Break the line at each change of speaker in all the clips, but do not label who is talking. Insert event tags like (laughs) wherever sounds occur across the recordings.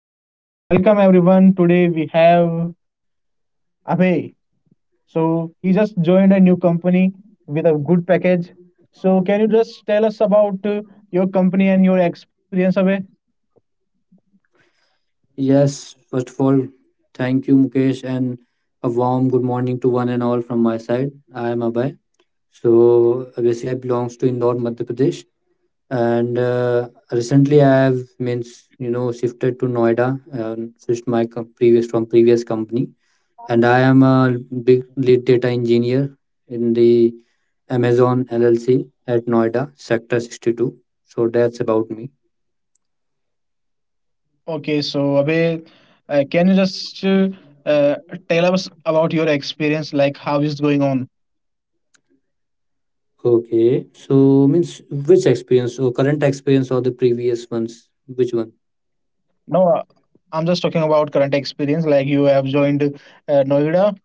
so welcome everyone. Today we have Abhay. So he just joined a new company with a good package. So can you just tell us about your company and your experience, Abhay?
Yes, first of all, thank you, Mukesh, and a warm good morning to one and all from my side. I am Abhay. So basically, I belongs to Indore, Madhya Pradesh, and recently I have means shifted to Noida, and switched my previous from previous company, and I am a big lead data engineer in the Amazon LLC at Noida, Sector 62. So that's about me.
Okay, so Abhay, can you just uh, tell us about your experience, like how is going on?
Okay. So means which experience or current experience or the previous ones? Which one?
No, I'm just talking about current experience. Like you have joined Noida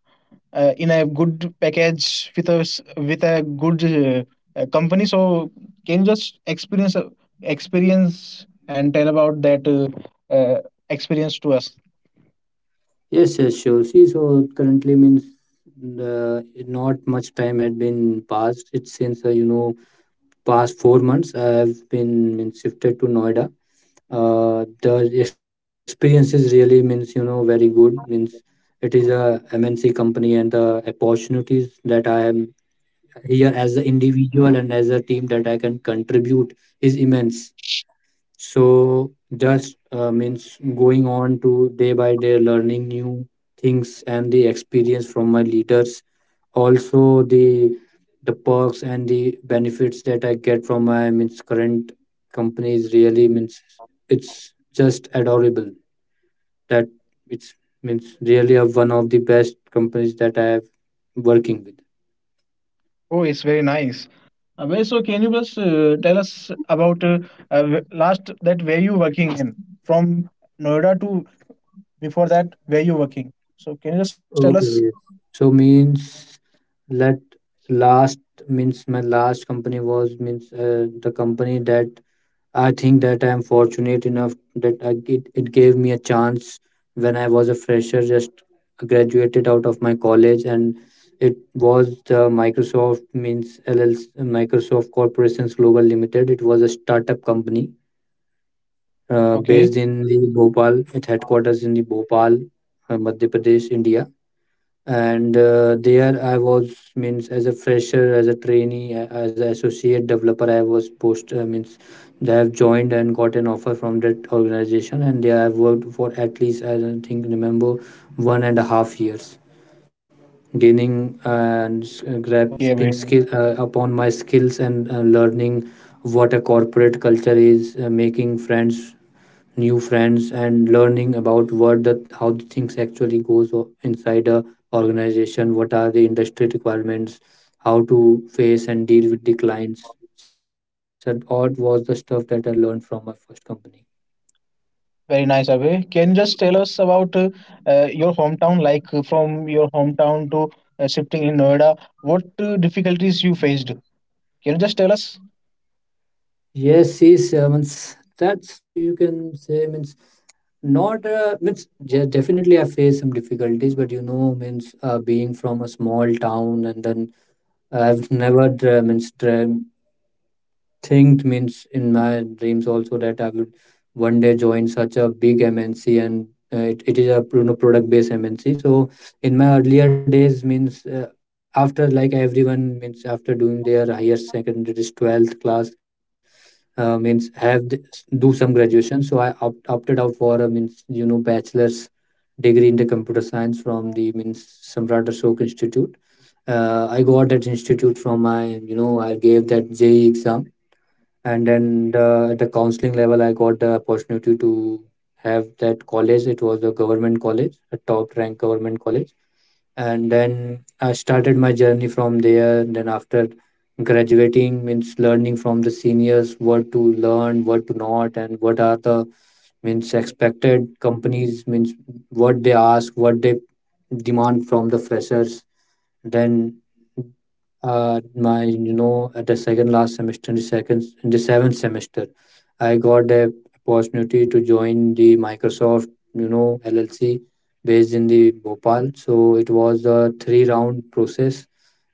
in a good package with us with a good company, so can you just experience and tell about that uh, experience to us?
Yes, yes, sure. See, so currently means the not much time had been passed. It's since past 4 months I've been means shifted to Noida. The experience is really means very good. Means it is a MNC company and the opportunities that I am here as an individual and as a team that I can contribute is immense. So just means going on to day by day learning new things and the experience from my leaders. Also the perks and the benefits that I get from my means current company is really means it's just adorable. That it's means really a, one of the best companies that I have working with.
Oh, it's very nice, Abhay, so can you just tell us about last that where you working in, from Noida to, before that where you working? So can you just tell us?
Okay. So means let last means my last company was means the company that I think that I'm fortunate enough that it gave me a chance when I was a fresher, just graduated out of my college, and it was the Microsoft means LLC, Microsoft Corporations Global Limited. It was a startup company based
Okay,
in the Bhopal. It headquarters in the Bhopal, Madhya Pradesh, India, and there I was means as a fresher, as a trainee, as an associate developer, I was post means I have joined and got an offer from that organization, and there I worked for at least I don't think remember 1.5 years, gaining and
okay, Abhay.
grasping skill upon my skills, and learning what a corporate culture is, making friends, new friends, and learning about what, the how the things actually goes inside a organization, what are the industry requirements, how to face and deal with the clients, so all was the stuff that I learned from my first company.
Very nice, Abhay. Can you just tell us about your hometown, like from your hometown to shifting in Noida? What difficulties you faced? Can you just tell us?
Yes, yes, means that's you can say means not means yeah, definitely I faced some difficulties, but means being from a small town, and then I've never means think means in my dreams also that I would one day join such a big MNC, and it is a, product based MNC. So in my earlier days, means after like everyone means after doing their higher secondary 12th class, means have the, do some graduation. So I opted out for means bachelor's degree in the computer science from the means Samrat Ashok Institute. I got that institute from my I gave that JE exam, and then at the counseling level I got the opportunity to have that college. It was a government college, a top ranked government college, and then I started my journey from there, then after graduating, means learning from the seniors what to learn, what to not, and what are the means expected companies, means what they ask, what they demand from the freshers, then my at the second last semester, in the seventh semester, I got the opportunity to join the microsoft llc based in the bhopal, so it was a three round process,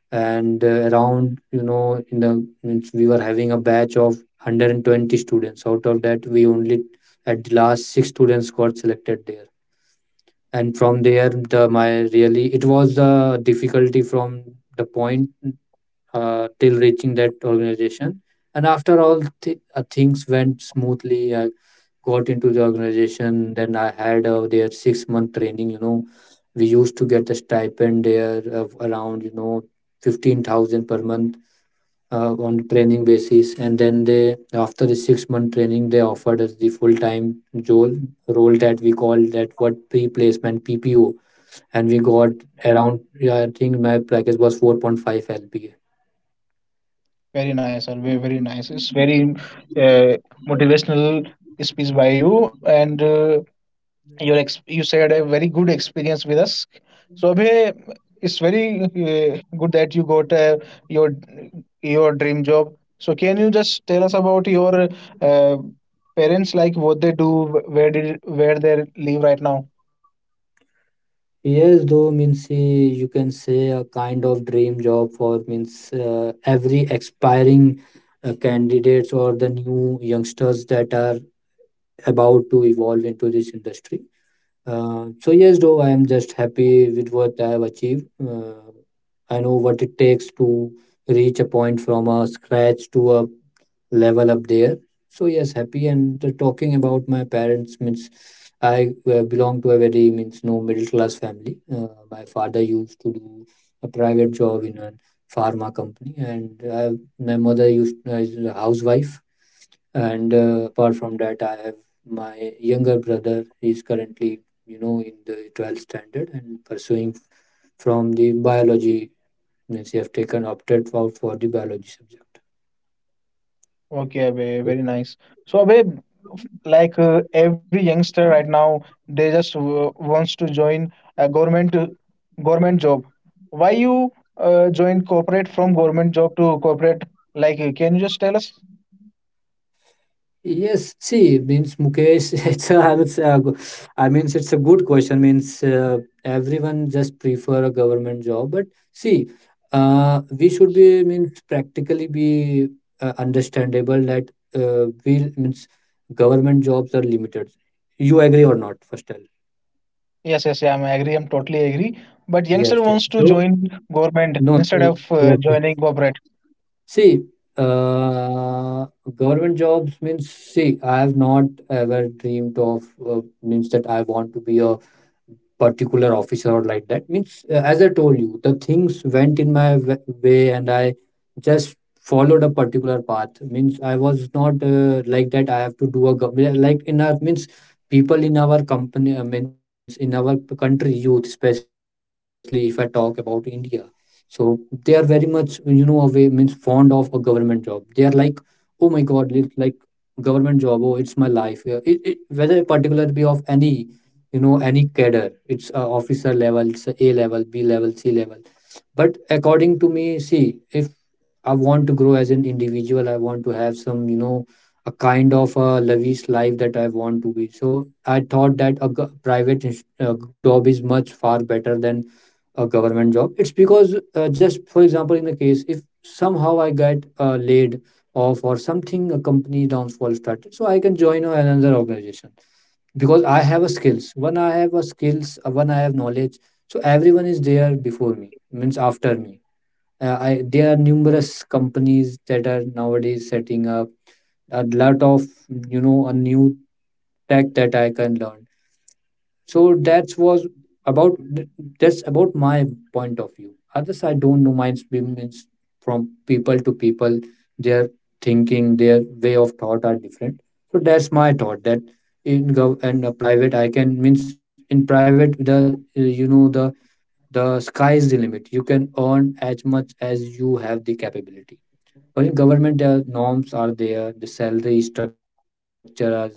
and around in the means we were having a batch of 120 students, out of that we only at the last six students got selected there, and from there the my really it was a difficulty from the point till reaching that organization, and after all things went smoothly I got into the organization, then I had their 6 month training. We used to get a stipend there of around 15,000 per month on training basis, and then they, after the 6 month training, they offered us the full time role role that we call that what, pre placement PPO, and we got around yeah, I think my package was 4.5 LPA.
Very nice, Abhay. Very nice. It's very uh, motivational speech by you, and your you said a very good experience with us, so Abhay, it's very good that you got your your dream job, so can you just tell us about your uh, parents, like what they do, where did, where they live right now?
Yes, though means you can say a kind of dream job for means every expiring candidates or the new youngsters that are about to evolve into this industry. So yes, though I am just happy with what I have achieved. I know what it takes to reach a point from a scratch to a level up there. So yes, happy, and talking about my parents, means I belong to a very means no middle class family. My father used to do a private job in a pharma company, and my mother used is a housewife, and apart from that I have my younger brother. He's currently in the 12th standard, and pursuing from the biology, means he have taken opted out for the biology subject.
Okay, Abhay,
So
very nice. So, Abhay, like every youngster right now, they just wants to join a government job. Why you join corporate, from government job to corporate? Like, can you just tell us?
yes, see, means Mukesh, (laughs) it's a, I would say, I means it's a good question. Means everyone just prefer a government job, but see, we should be means practically be understandable that we means government jobs are limited. You agree or not? First tell.
Yes, yes, yeah, I'm agree. I'm totally agree. But
Yes,
youngster
yes.
wants to
So
join government
no,
instead
so,
of
yes, yes.
joining corporate.
See, uh, government jobs means see, I have not ever dreamed of means that I want to be a particular officer or like that, means as I told you the things went in my way, and I just followed a particular path, means I was not like that I have to do a yeah, like in our means people in our company means in our country, youth especially if I talk about India, so they are very much away means fond of a government job. They are like, oh my god, like government job, oh it's my life. Yeah, whether particular be of any any cadre, it's a officer level, it's a A level, b level, c level. But according to me, see if I want to grow as an individual, I want to have some a kind of a lavish life that I want to be, so I thought that private job is much far better than a government job. It's because just for example, in the case if somehow I get laid off or something, a company downfall started, so I can join another organization, because I have a skills, one, I have a skills one, I have knowledge, so everyone is there before me, means after me, there are numerous companies that are nowadays setting up a lot of a new tech that I can learn. So about th- that's about my point of view. Others I don't know, mine's means from people to people, their thinking, their way of thought are different, so that's my thought that in gov and private I can, means in private the the sky is the limit. You can earn as much as you have the capability, or in government norms are there, the salary structure are there.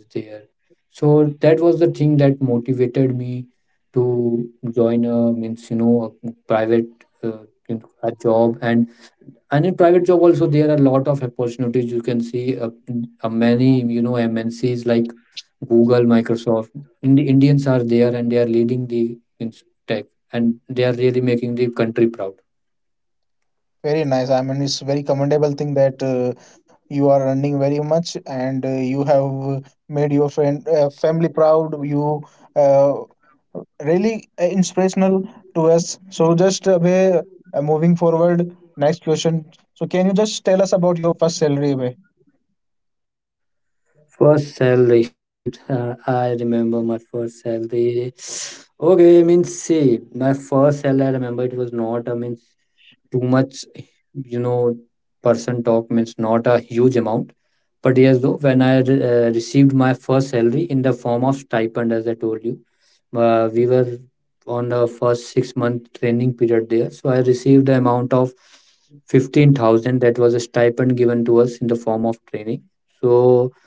So that was the thing that motivated me to join a means a private uh, a job. And in private job also there are a lot of opportunities. You can see many MNCs like Google, Microsoft, Indians are there, and they are leading the means tech, and they are really making the country proud.
Very nice. I mean, it's very commendable thing that you are running very much, and you have uh, made your friend family proud. You uh, really inspirational to us. So just Abhay, moving forward, next question. So can you just tell us about your first salary, Abhay?
First salary. Oh, I remember my first salary. Okay, means see, my first salary. I remember it was not, I means too much, you know, person talk means not a huge amount. But yes, though, when I received my first salary in the form of stipend, as I told you, we were on the first 6 month training period there. So I received the amount of 15,000. That was a stipend given to us in the form of training. So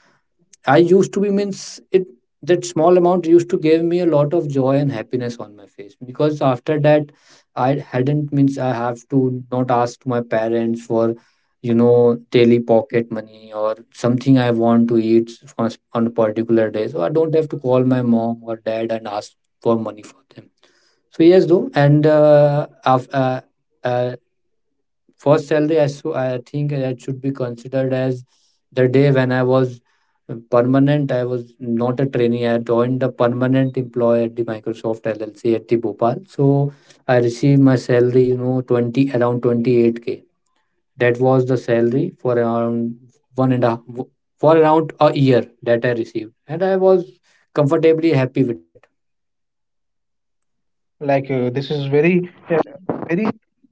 I used to be means it that small amount used to give me a lot of joy and happiness on my face, because after that I hadn't means I have to not ask to my parents for daily pocket money, or something I want to eat on a particular day, so I don't have to call my mom or dad and ask for money for them. So yes, though, uh, first salary, I, so I think that should be considered as the day when I was permanent. I was not a trainee. I joined a permanent employee at the Microsoft LLC at the Bhopal. So I received my salary, 20 around 28K k. That was the salary for around one and a for around a year that I received, and I was comfortably happy with that.
Like this is very very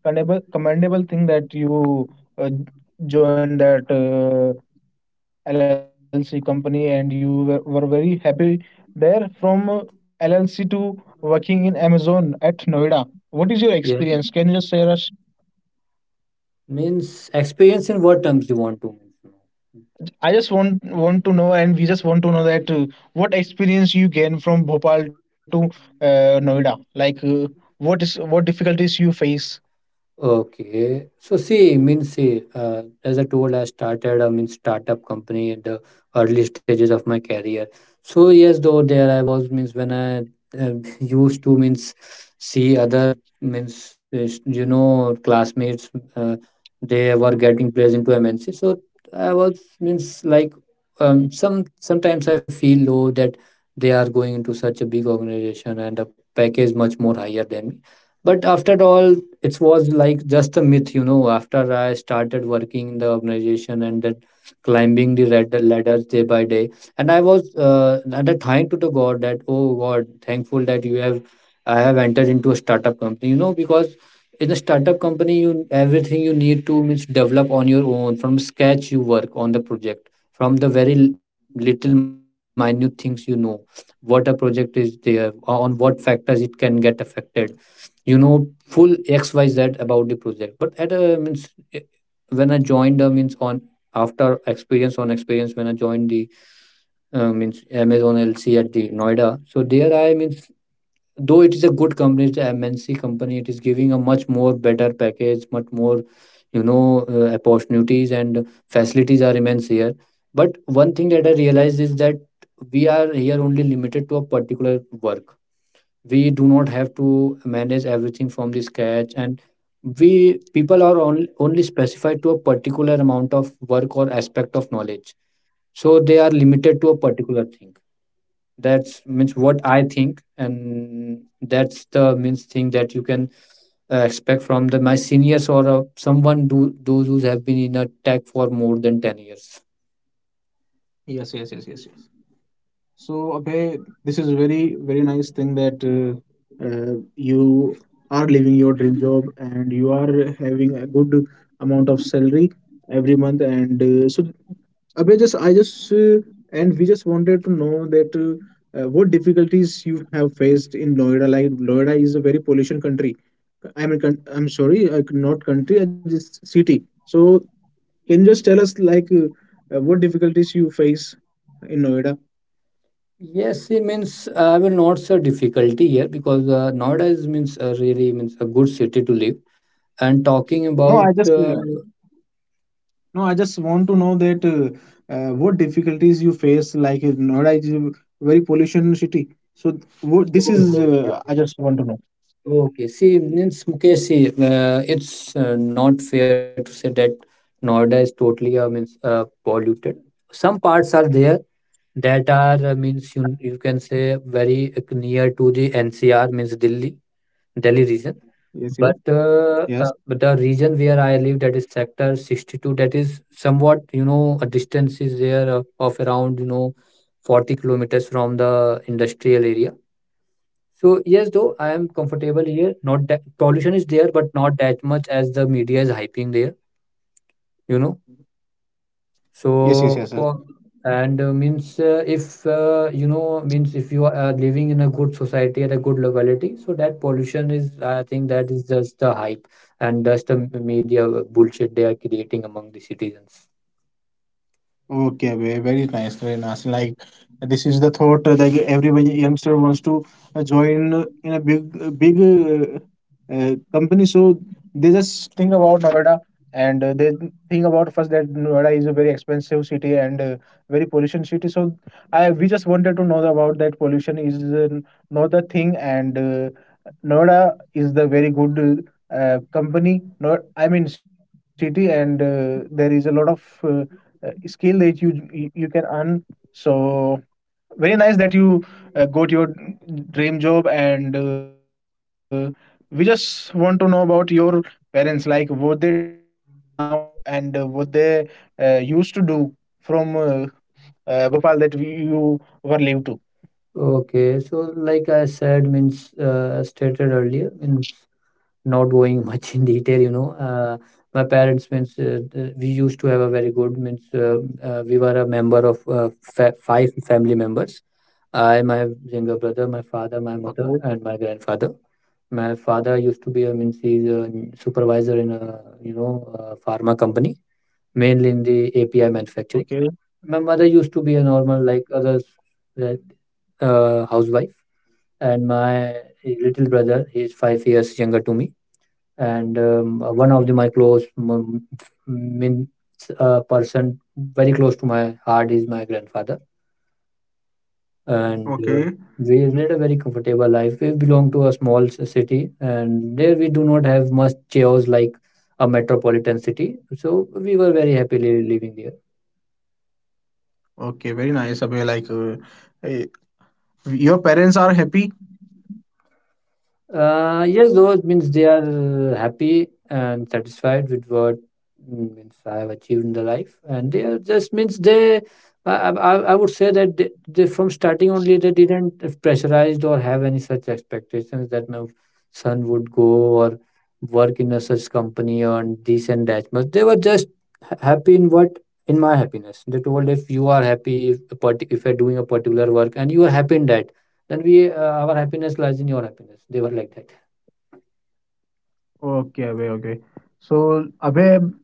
commendable thing that you uh, joined that. LLC company, and you were very happy there from LLC to working in Amazon at Noida. What
Yeah,
is your experience? Can you just share us?
means experience in what terms you want to.
I just want to know, and we just want to know that what experience you gain from Bhopal to Noida. Like, what is, what difficulties you face?
Okay. So see, means see, as I told, I started, I mean, startup company at the early stages of my career. So yes, though, there I was, means when I (laughs) used to, means see other, means you know, classmates, uh, they were getting placed into MNC. So I was, means like, sometimes I feel low that they are going into such a big organization and a package much more higher than me. But after all, it was like just a myth, you know. After I started working in the organization and then climbing the red ladders day by day, and I was at a time to the God that, oh God, thankful that you have I have entered into a startup company, you know, because in a startup company you everything you need to means develop on your own from scratch. You work on the project from the very little minute things, you know, what a project is there, on what factors it can get affected, you know, full xyz about the project. But at a means eh, when I joined means on after experience on experience, when I joined the means Amazon LC at the Noida, so there I means though it is a good company, it's a MNC company, it is giving a much more better package, much more, you know, opportunities and facilities are immense here. But one thing that I realized is that we are here only limited to a particular work. We do not have to manage everything from the scratch, and we people are only specified to a particular amount of work or aspect of knowledge. So they are limited to a particular thing. That's means what I think, and that's the means thing that you can expect from the my seniors or someone do, those who have been in a tech for more than 10 years.
Yes, yes, yes, yes, yes. So, Abhay, this is a very, very nice thing that you are living your dream job, and you are having a good amount of salary every month. And so, Abhay, just I just and we just wanted to know that what difficulties you have faced in Noida. Like Noida is a very pollution country. I mean, I'm sorry, not country, just city. So, can you just tell us like what difficulties you face in Noida?
Yes, it means I will not say difficulty here, because nowadays means really means a good city to live. And talking
No, I
about
just no, I just want to know that what difficulties you face, like Noida is a very pollution city. So what this is,
oh, okay,
I just
okay.
want to know.
Okay, see, means okay, see, it's not fair to say that Noida is totally means polluted. Some parts are there that are means you can say very near to the NCR, means Delhi, Delhi region.
Yes, yes, yes,
But the region where I live, that is sector 62, that is somewhat, you know, a distance is there of, around, you know, 40 kilometers from the industrial area. So yes, though, I am comfortable here. Not that pollution is there, but not that much as the media is hyping there, you know.
yes, yes, yes, sir.
So po- and means if you know, means if you are living in a good society at a good locality, so that pollution is, I think, that is just the hype and just the media bullshit they are creating among the citizens.
Okay, very nice, very nice. Like this is the thought like everybody, youngster wants to join in a big big company, so they just think about Noida, and they think about first that Noida is a very expensive city and very pollution city. So I, we just wanted to know about that, pollution is not the thing, and Noida is the very good. Company, not, I mean, city, and there is a lot of skill that you you can earn. So very nice that you got your dream job, and we just want to know about your parents, like what they do right now, and what they used to do from Bhopal that we, you were lived to.
Okay, so like I said, means stated earlier, means not going (laughs) much in detail, you know. My parents means we used to have a very good means we were a member of five family members: I, my younger brother,
Okay,
my father, my mother, and my grandfather. My father used to be a means he's a supervisor in a, you know, pharma company, mainly in the API
okay,
manufacturing. My mother used to be a normal, like others, uh, housewife, and my little brother, he is 5 years younger to me, and one of the my close means person very close to my heart is my grandfather.
okay,
And we led a very comfortable life. We belong to a small city, and there we do not have much chaos like a metropolitan city, so we were very happily living there.
okay. Very nice. Abhay, like uh, your parents are happy.
Yes, those means they are happy and satisfied with what means I have achieved in the life, and they are just means they. I would say that they from starting only they didn't pressurized or have any such expectations that my son would go or work in a such company on this and that much. They were just happy in what in my happiness. They told, if you are happy, if you're doing a particular work and you are happy in that, then we our happiness lies in your happiness. They were like that.
Okay, Abhay, okay. So, Abhay,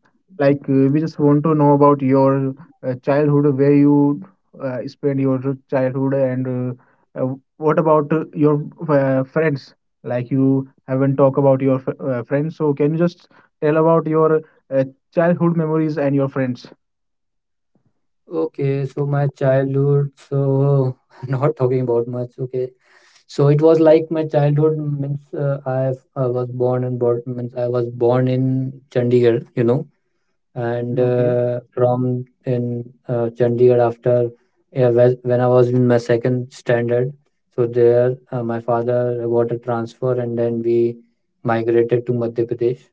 like we just want to know about your childhood, where you spent your childhood, and what about your friends? Like you haven't talked about your friends, so can you just tell about your uh, childhood memories and your friends?
Okay, so my childhood, so (laughs) not talking about much. Okay, so it was like my childhood means I was born, and born means I was born in Chandigarh, you know. And
Okay.
from in Chandigarh, after, yeah, when I was in my second standard, so there my father got a transfer, and then we migrated to Madhya Pradesh.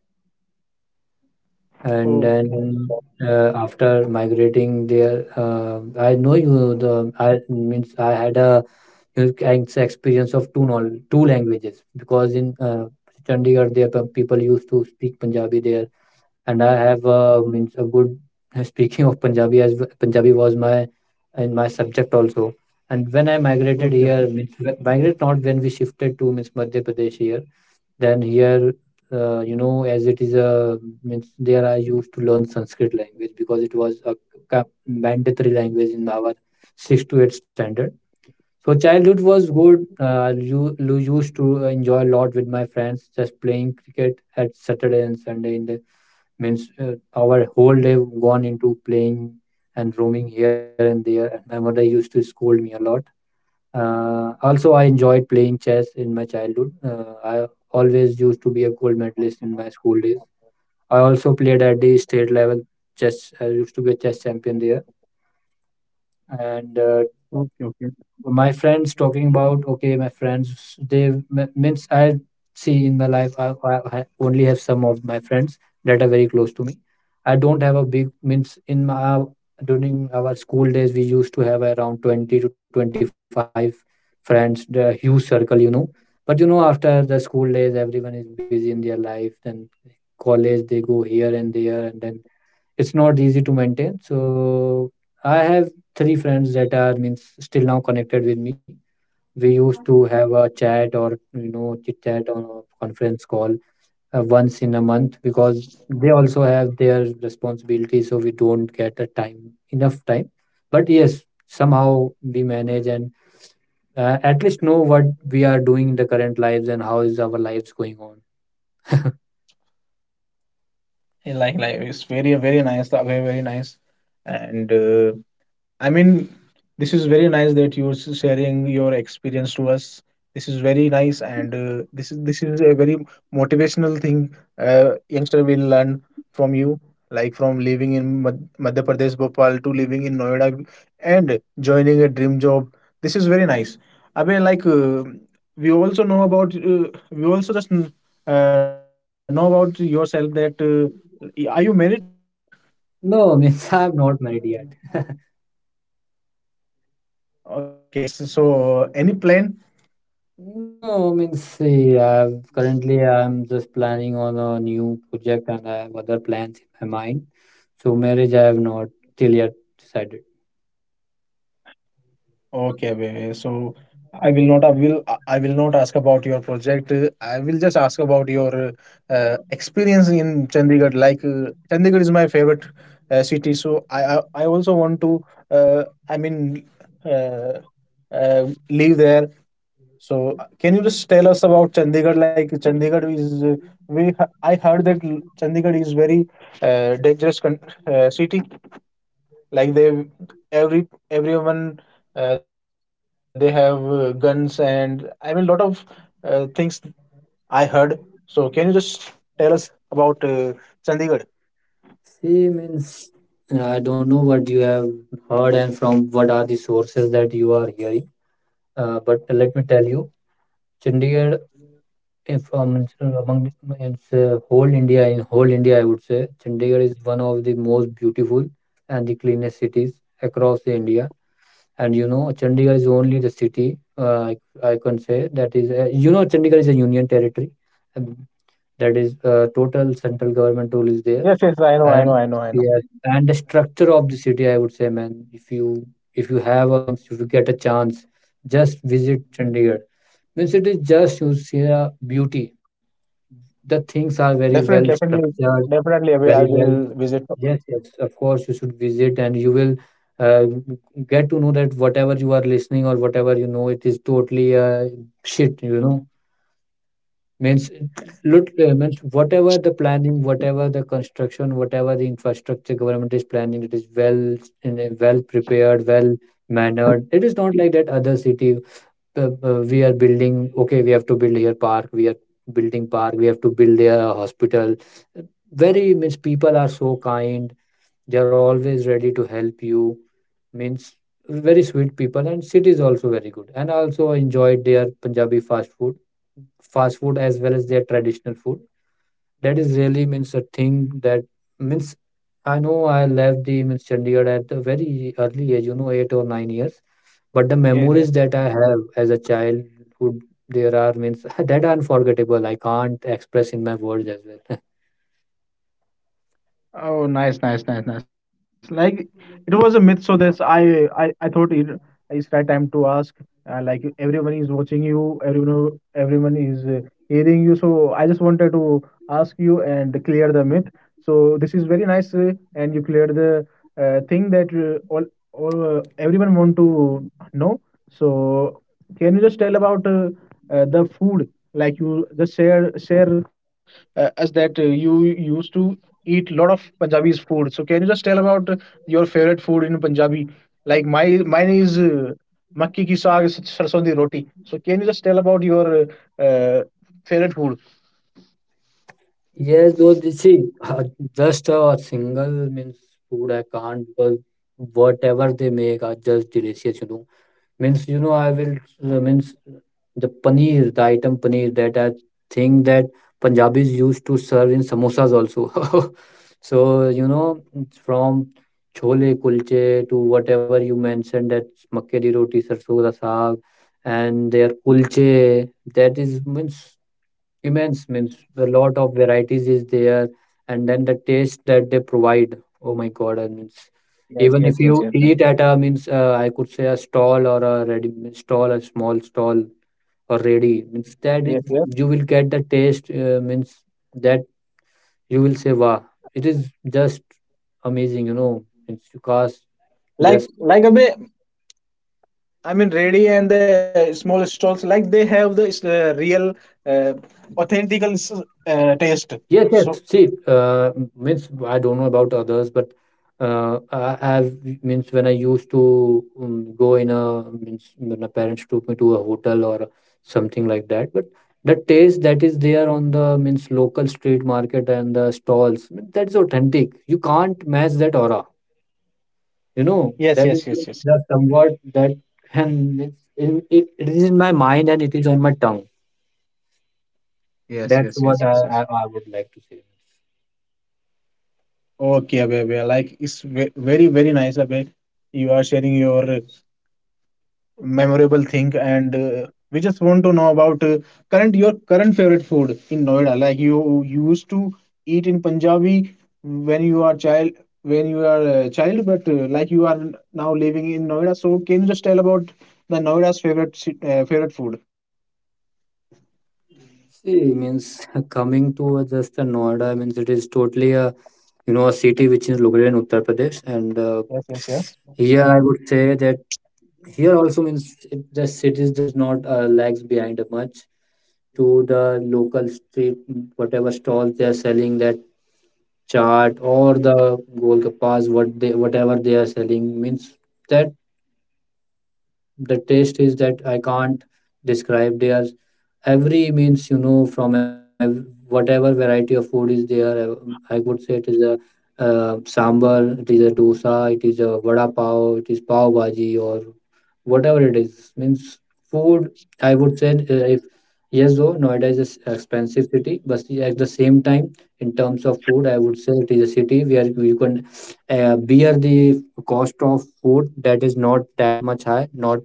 And
Okay.
then after migrating there, I know you the I means I had a, you know, experience of two languages, because in Chandigarh there people used to speak Punjabi there. And I have means a good (laughs) speaking of Punjabi, as Punjabi was my in my subject also. And when I migrated
Okay.
here
Okay.
means migrate, not when we shifted to means Madhya Pradesh here, then here, you know, as it is a means, there I used to learn Sanskrit language, because it was a mandatory language in our six to eight standard. So childhood was good. You used to enjoy a lot with my friends, just playing cricket at Saturday and Sunday. In the means our whole day gone into playing and roaming here and there. And my mother used to scold me a lot. Also, I enjoyed playing chess in my childhood. I always used to be a gold medalist in my school days. I also played at the state level chess. I used to be a chess champion there. And
Okay. Okay.
my friends, talking about, okay, my friends, they means I see in my life, I only have some of my friends that are very close to me. I don't have a big means in my, during our school days, we used to have around 20 to 25 friends, the huge circle, you know. But, you know, after the school days, everyone is busy in their life, then college, they go here and there, and then it's not easy to maintain. So I have three friends that are means still now connected with me. We used to have a chat, or, you know, chit chat on a conference call once in a month, because they also have their responsibilities, so we don't get a time, enough time. But yes, somehow we manage, and at least know what we are doing in the current lives, and how is our lives going on.
Like it's very, very nice, Abhay, very nice, and. I mean, this is very nice that you're sharing your experience to us. This is very nice, and this is a very motivational thing. Youngster will learn from you, like from living in Madhya Pradesh, Bhopal, to living in Noida, and joining a dream job. This is very nice. I mean, like we also know about we also just know about yourself that are you married?
No, means (laughs) I'm not married yet.
Okay, so any plan?
No, I mean, see, I've currently I'm just planning on a new project, and I have other plans in my mind. So marriage I have not till yet decided.
Okay, Abhay. So I will not, I will, I will not ask about your project. I will just ask about your experience in Chandigarh. Like Chandigarh is my favorite city, so I also want to. Uh, I mean, uh, live there. So can you just tell us about Chandigarh? Like Chandigarh is. We. I heard that Chandigarh is very dangerous city, like they, everyone, they have guns, and I mean lot of things I heard. So can you just tell us about Chandigarh?
See, means I don't know what you have heard and from what are the sources that you are hearing. But let me tell you, Chandigarh from among it's whole India, in whole India, I would say Chandigarh is one of the most beautiful and the cleanest cities across the India. And, you know, Chandigarh is only the city I can say that is you know, Chandigarh is a union territory, and that is total central government rule is there.
Yes, yes, I know, I know, I
And
know, I know.
yes, and the structure of the city, I would say, man, if you have, I mean, if you get a chance, just visit Chandigarh, means it is just you see a beauty, the things are very well
Definitely, definitely,
structured,
definitely I will, I
very well.
will visit.
Yes, yes, of course, you should visit, and you will uh, get to know that whatever you are listening or whatever you know, it is totally shit, you know. Means, look, means whatever the planning, whatever the construction, whatever the infrastructure government is planning, it is well in a well prepared, well mannered. It is not like that other city. We are building, okay, we have to build here park. We are building park. We have to build here a hospital. Very means people are so kind, they are always ready to help you. Means Very sweet people, and city is also very good. And I also enjoyed their Punjabi fast food, as well as their traditional food. That is really means a thing. That means I know I left the means Chandigarh at a very early age, you know, 8 or 9 years, but the memories that
Yes,
I
yes.
have as a childhood, there are means (laughs) that are unforgettable. I can't express in my words as well.
Oh, nice, nice, nice, nice. Like it was a myth, so this I, I thought, it it's right time to ask. Like everyone is watching you, everyone is hearing you. So I just wanted to ask you and clear the myth. So this is very nice, and you cleared the thing that all everyone want to know. So can you just tell about the food? Like you just share us that you used to eat a lot of Punjabi's food. So can you just tell about your favorite food in Punjabi? Like my mine is makki ki saag sarson di roti. So can you just tell about your uh, uh, favorite food?
Yes, though, you see, just a single means food I can't, because whatever they make are just delicious, you know. I will, means the paneer, the item paneer that I think that Punjabis used to serve in samosas also. (laughs) So, you know, it's from chole kulche to whatever you mentioned, that makke di roti, sarson da saag, and their kulche, that is means immense. Means The lot of varieties is there, and then the taste that they provide, oh my god. And means
Yes, yes,
Even
yes,
if
yes,
you
yes,
eat at a means I could say a stall or a ready means stall, a small stall or ready, means
yes,
that
yes.
is, you will get the taste, means that you will say wow, it is just amazing, you know. It's you can't just.
Like a bit. I mean, ready and the small stalls, like they have the real, uh, authentical taste.
Yes,
So
yes. See, means I don't know about others, but I have means when I used to go in a means when my parents took me to a hotel or something like that. But the taste that is there on the means local street market and the stalls, that is authentic. You can't match that aura. You know,
yes, yes,
that is
yes, yes, yes,
the somewhat that, and it's in it, it is in my mind and it is on my tongue.
yes, yes,
That's
yes, yes,
what I,
yes.
I, I would like to say.
Okay, Abhay, Abhay, like it's very, very nice, Abhay. You are sharing your memorable thing, and we just want to know about current, your current favorite food in Noida. Like you used to eat in Punjabi when you are child, when you are a child, but like you are now living in Noida. So can you just tell about the Noida's favorite favorite food?
See, means (laughs) coming to just a Noida, means it is totally a, you know, a city which is located in Uttar Pradesh, and
Yes, yes, yes.
here I would say that here also, the cities does not lags behind much to the local street, whatever stalls they are selling. That chaat or the golgappas what they whatever they are selling, means that the taste is that I can't describe. They are every means you know, from whatever variety of food is there, I would say it is a, sambar, it is a dosa, it is a vada pav, it is pav bhaji, or whatever it is, means food, I would say. If Yes, though Noida is an expensive city, but see, at the same time, in terms of food, I would say it is a city where you can bear the cost of food. That is not that much high, not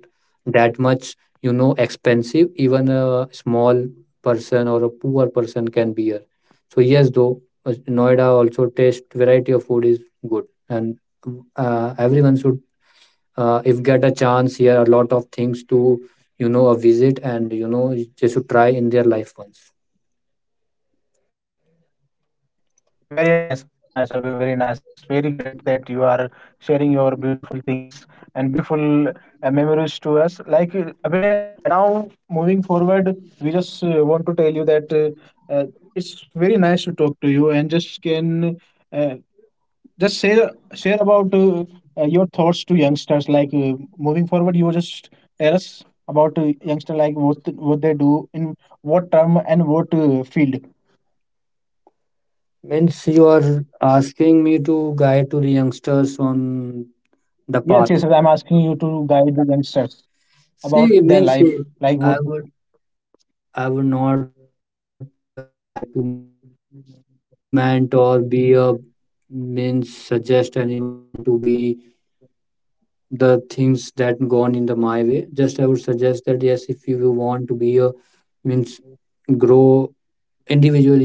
that much, you know, expensive. Even a small person or a poor person can be here. So yes, though, Noida also taste variety of food is good. And everyone should, if get a chance, here a lot of things to, you know, a visit, and you know, they should try in their life once.
Very nice, Abhay, very nice. It's very great that you are sharing your beautiful things and beautiful memories to us. Like Abhay, and now moving forward, we just want to tell you that it's very nice to talk to you, and just can uh, just share share about your thoughts to youngsters. Like moving forward, you just tell us about youngster, like what they do, in what term and what field.
Means You are asking me to guide to the youngsters on
Yes,
the
yes, I'm
path?
asking you to guide the youngsters about their
See,
life,
means
like what.
I would not like to means implement or be a means suggest anyone to be the things that gone in the my way. Just I would suggest that yes, if you want to be a, means grow individually or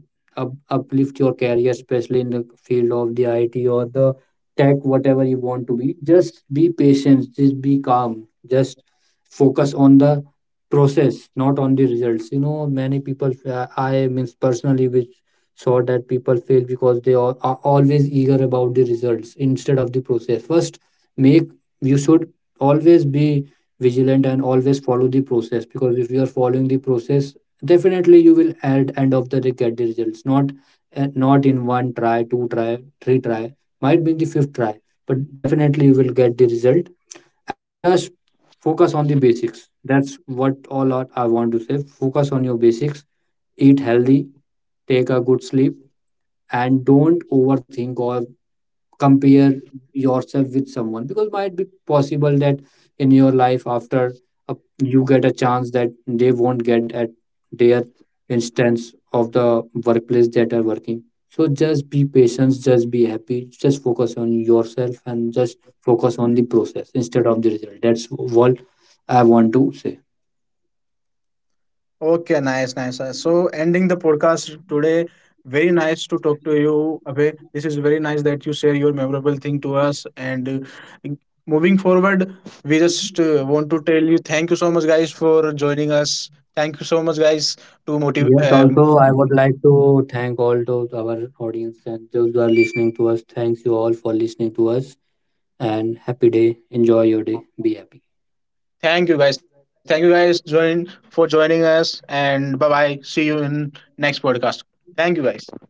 up, uplift your career, especially in the field of the IT or the tech, whatever you want to be. Just be patient, just be calm, just focus on the process, not on the results. You know, many people, I means personally, which saw that people fail because they are always eager about the results instead of the process. First, make, you should always be vigilant and always follow the process, because if you are following the process, definitely you will at end of the day get the results. Not not in one try, two try, three try, might be in the fifth try, but definitely you will get the result. And just focus on the basics. That's what I want to say. Focus on your basics, eat healthy, take a good sleep, and don't overthink or compare yourself with someone. Because might be possible that in your life after a, you get a chance that they won't get at their instance of the workplace that are working. So just be patient, just be happy, just focus on yourself, and just focus on the process instead of the result. That's what I want to say.
Okay, nice, nice. So, ending the podcast today, very nice to talk to you, Abhay. This is very nice that you share your memorable thing to us. And moving forward, we just want to tell you thank you so much, guys, for joining us. Thank you so much, guys, to
Yes,
motive.
also, I would like to thank all those our audience and those who are listening to us. Thanks you all for listening to us. And happy day. Enjoy your day. Be happy.
Thank you, guys. Thank you, guys, join for joining us. And bye bye. See you in next podcast. Thank you, guys.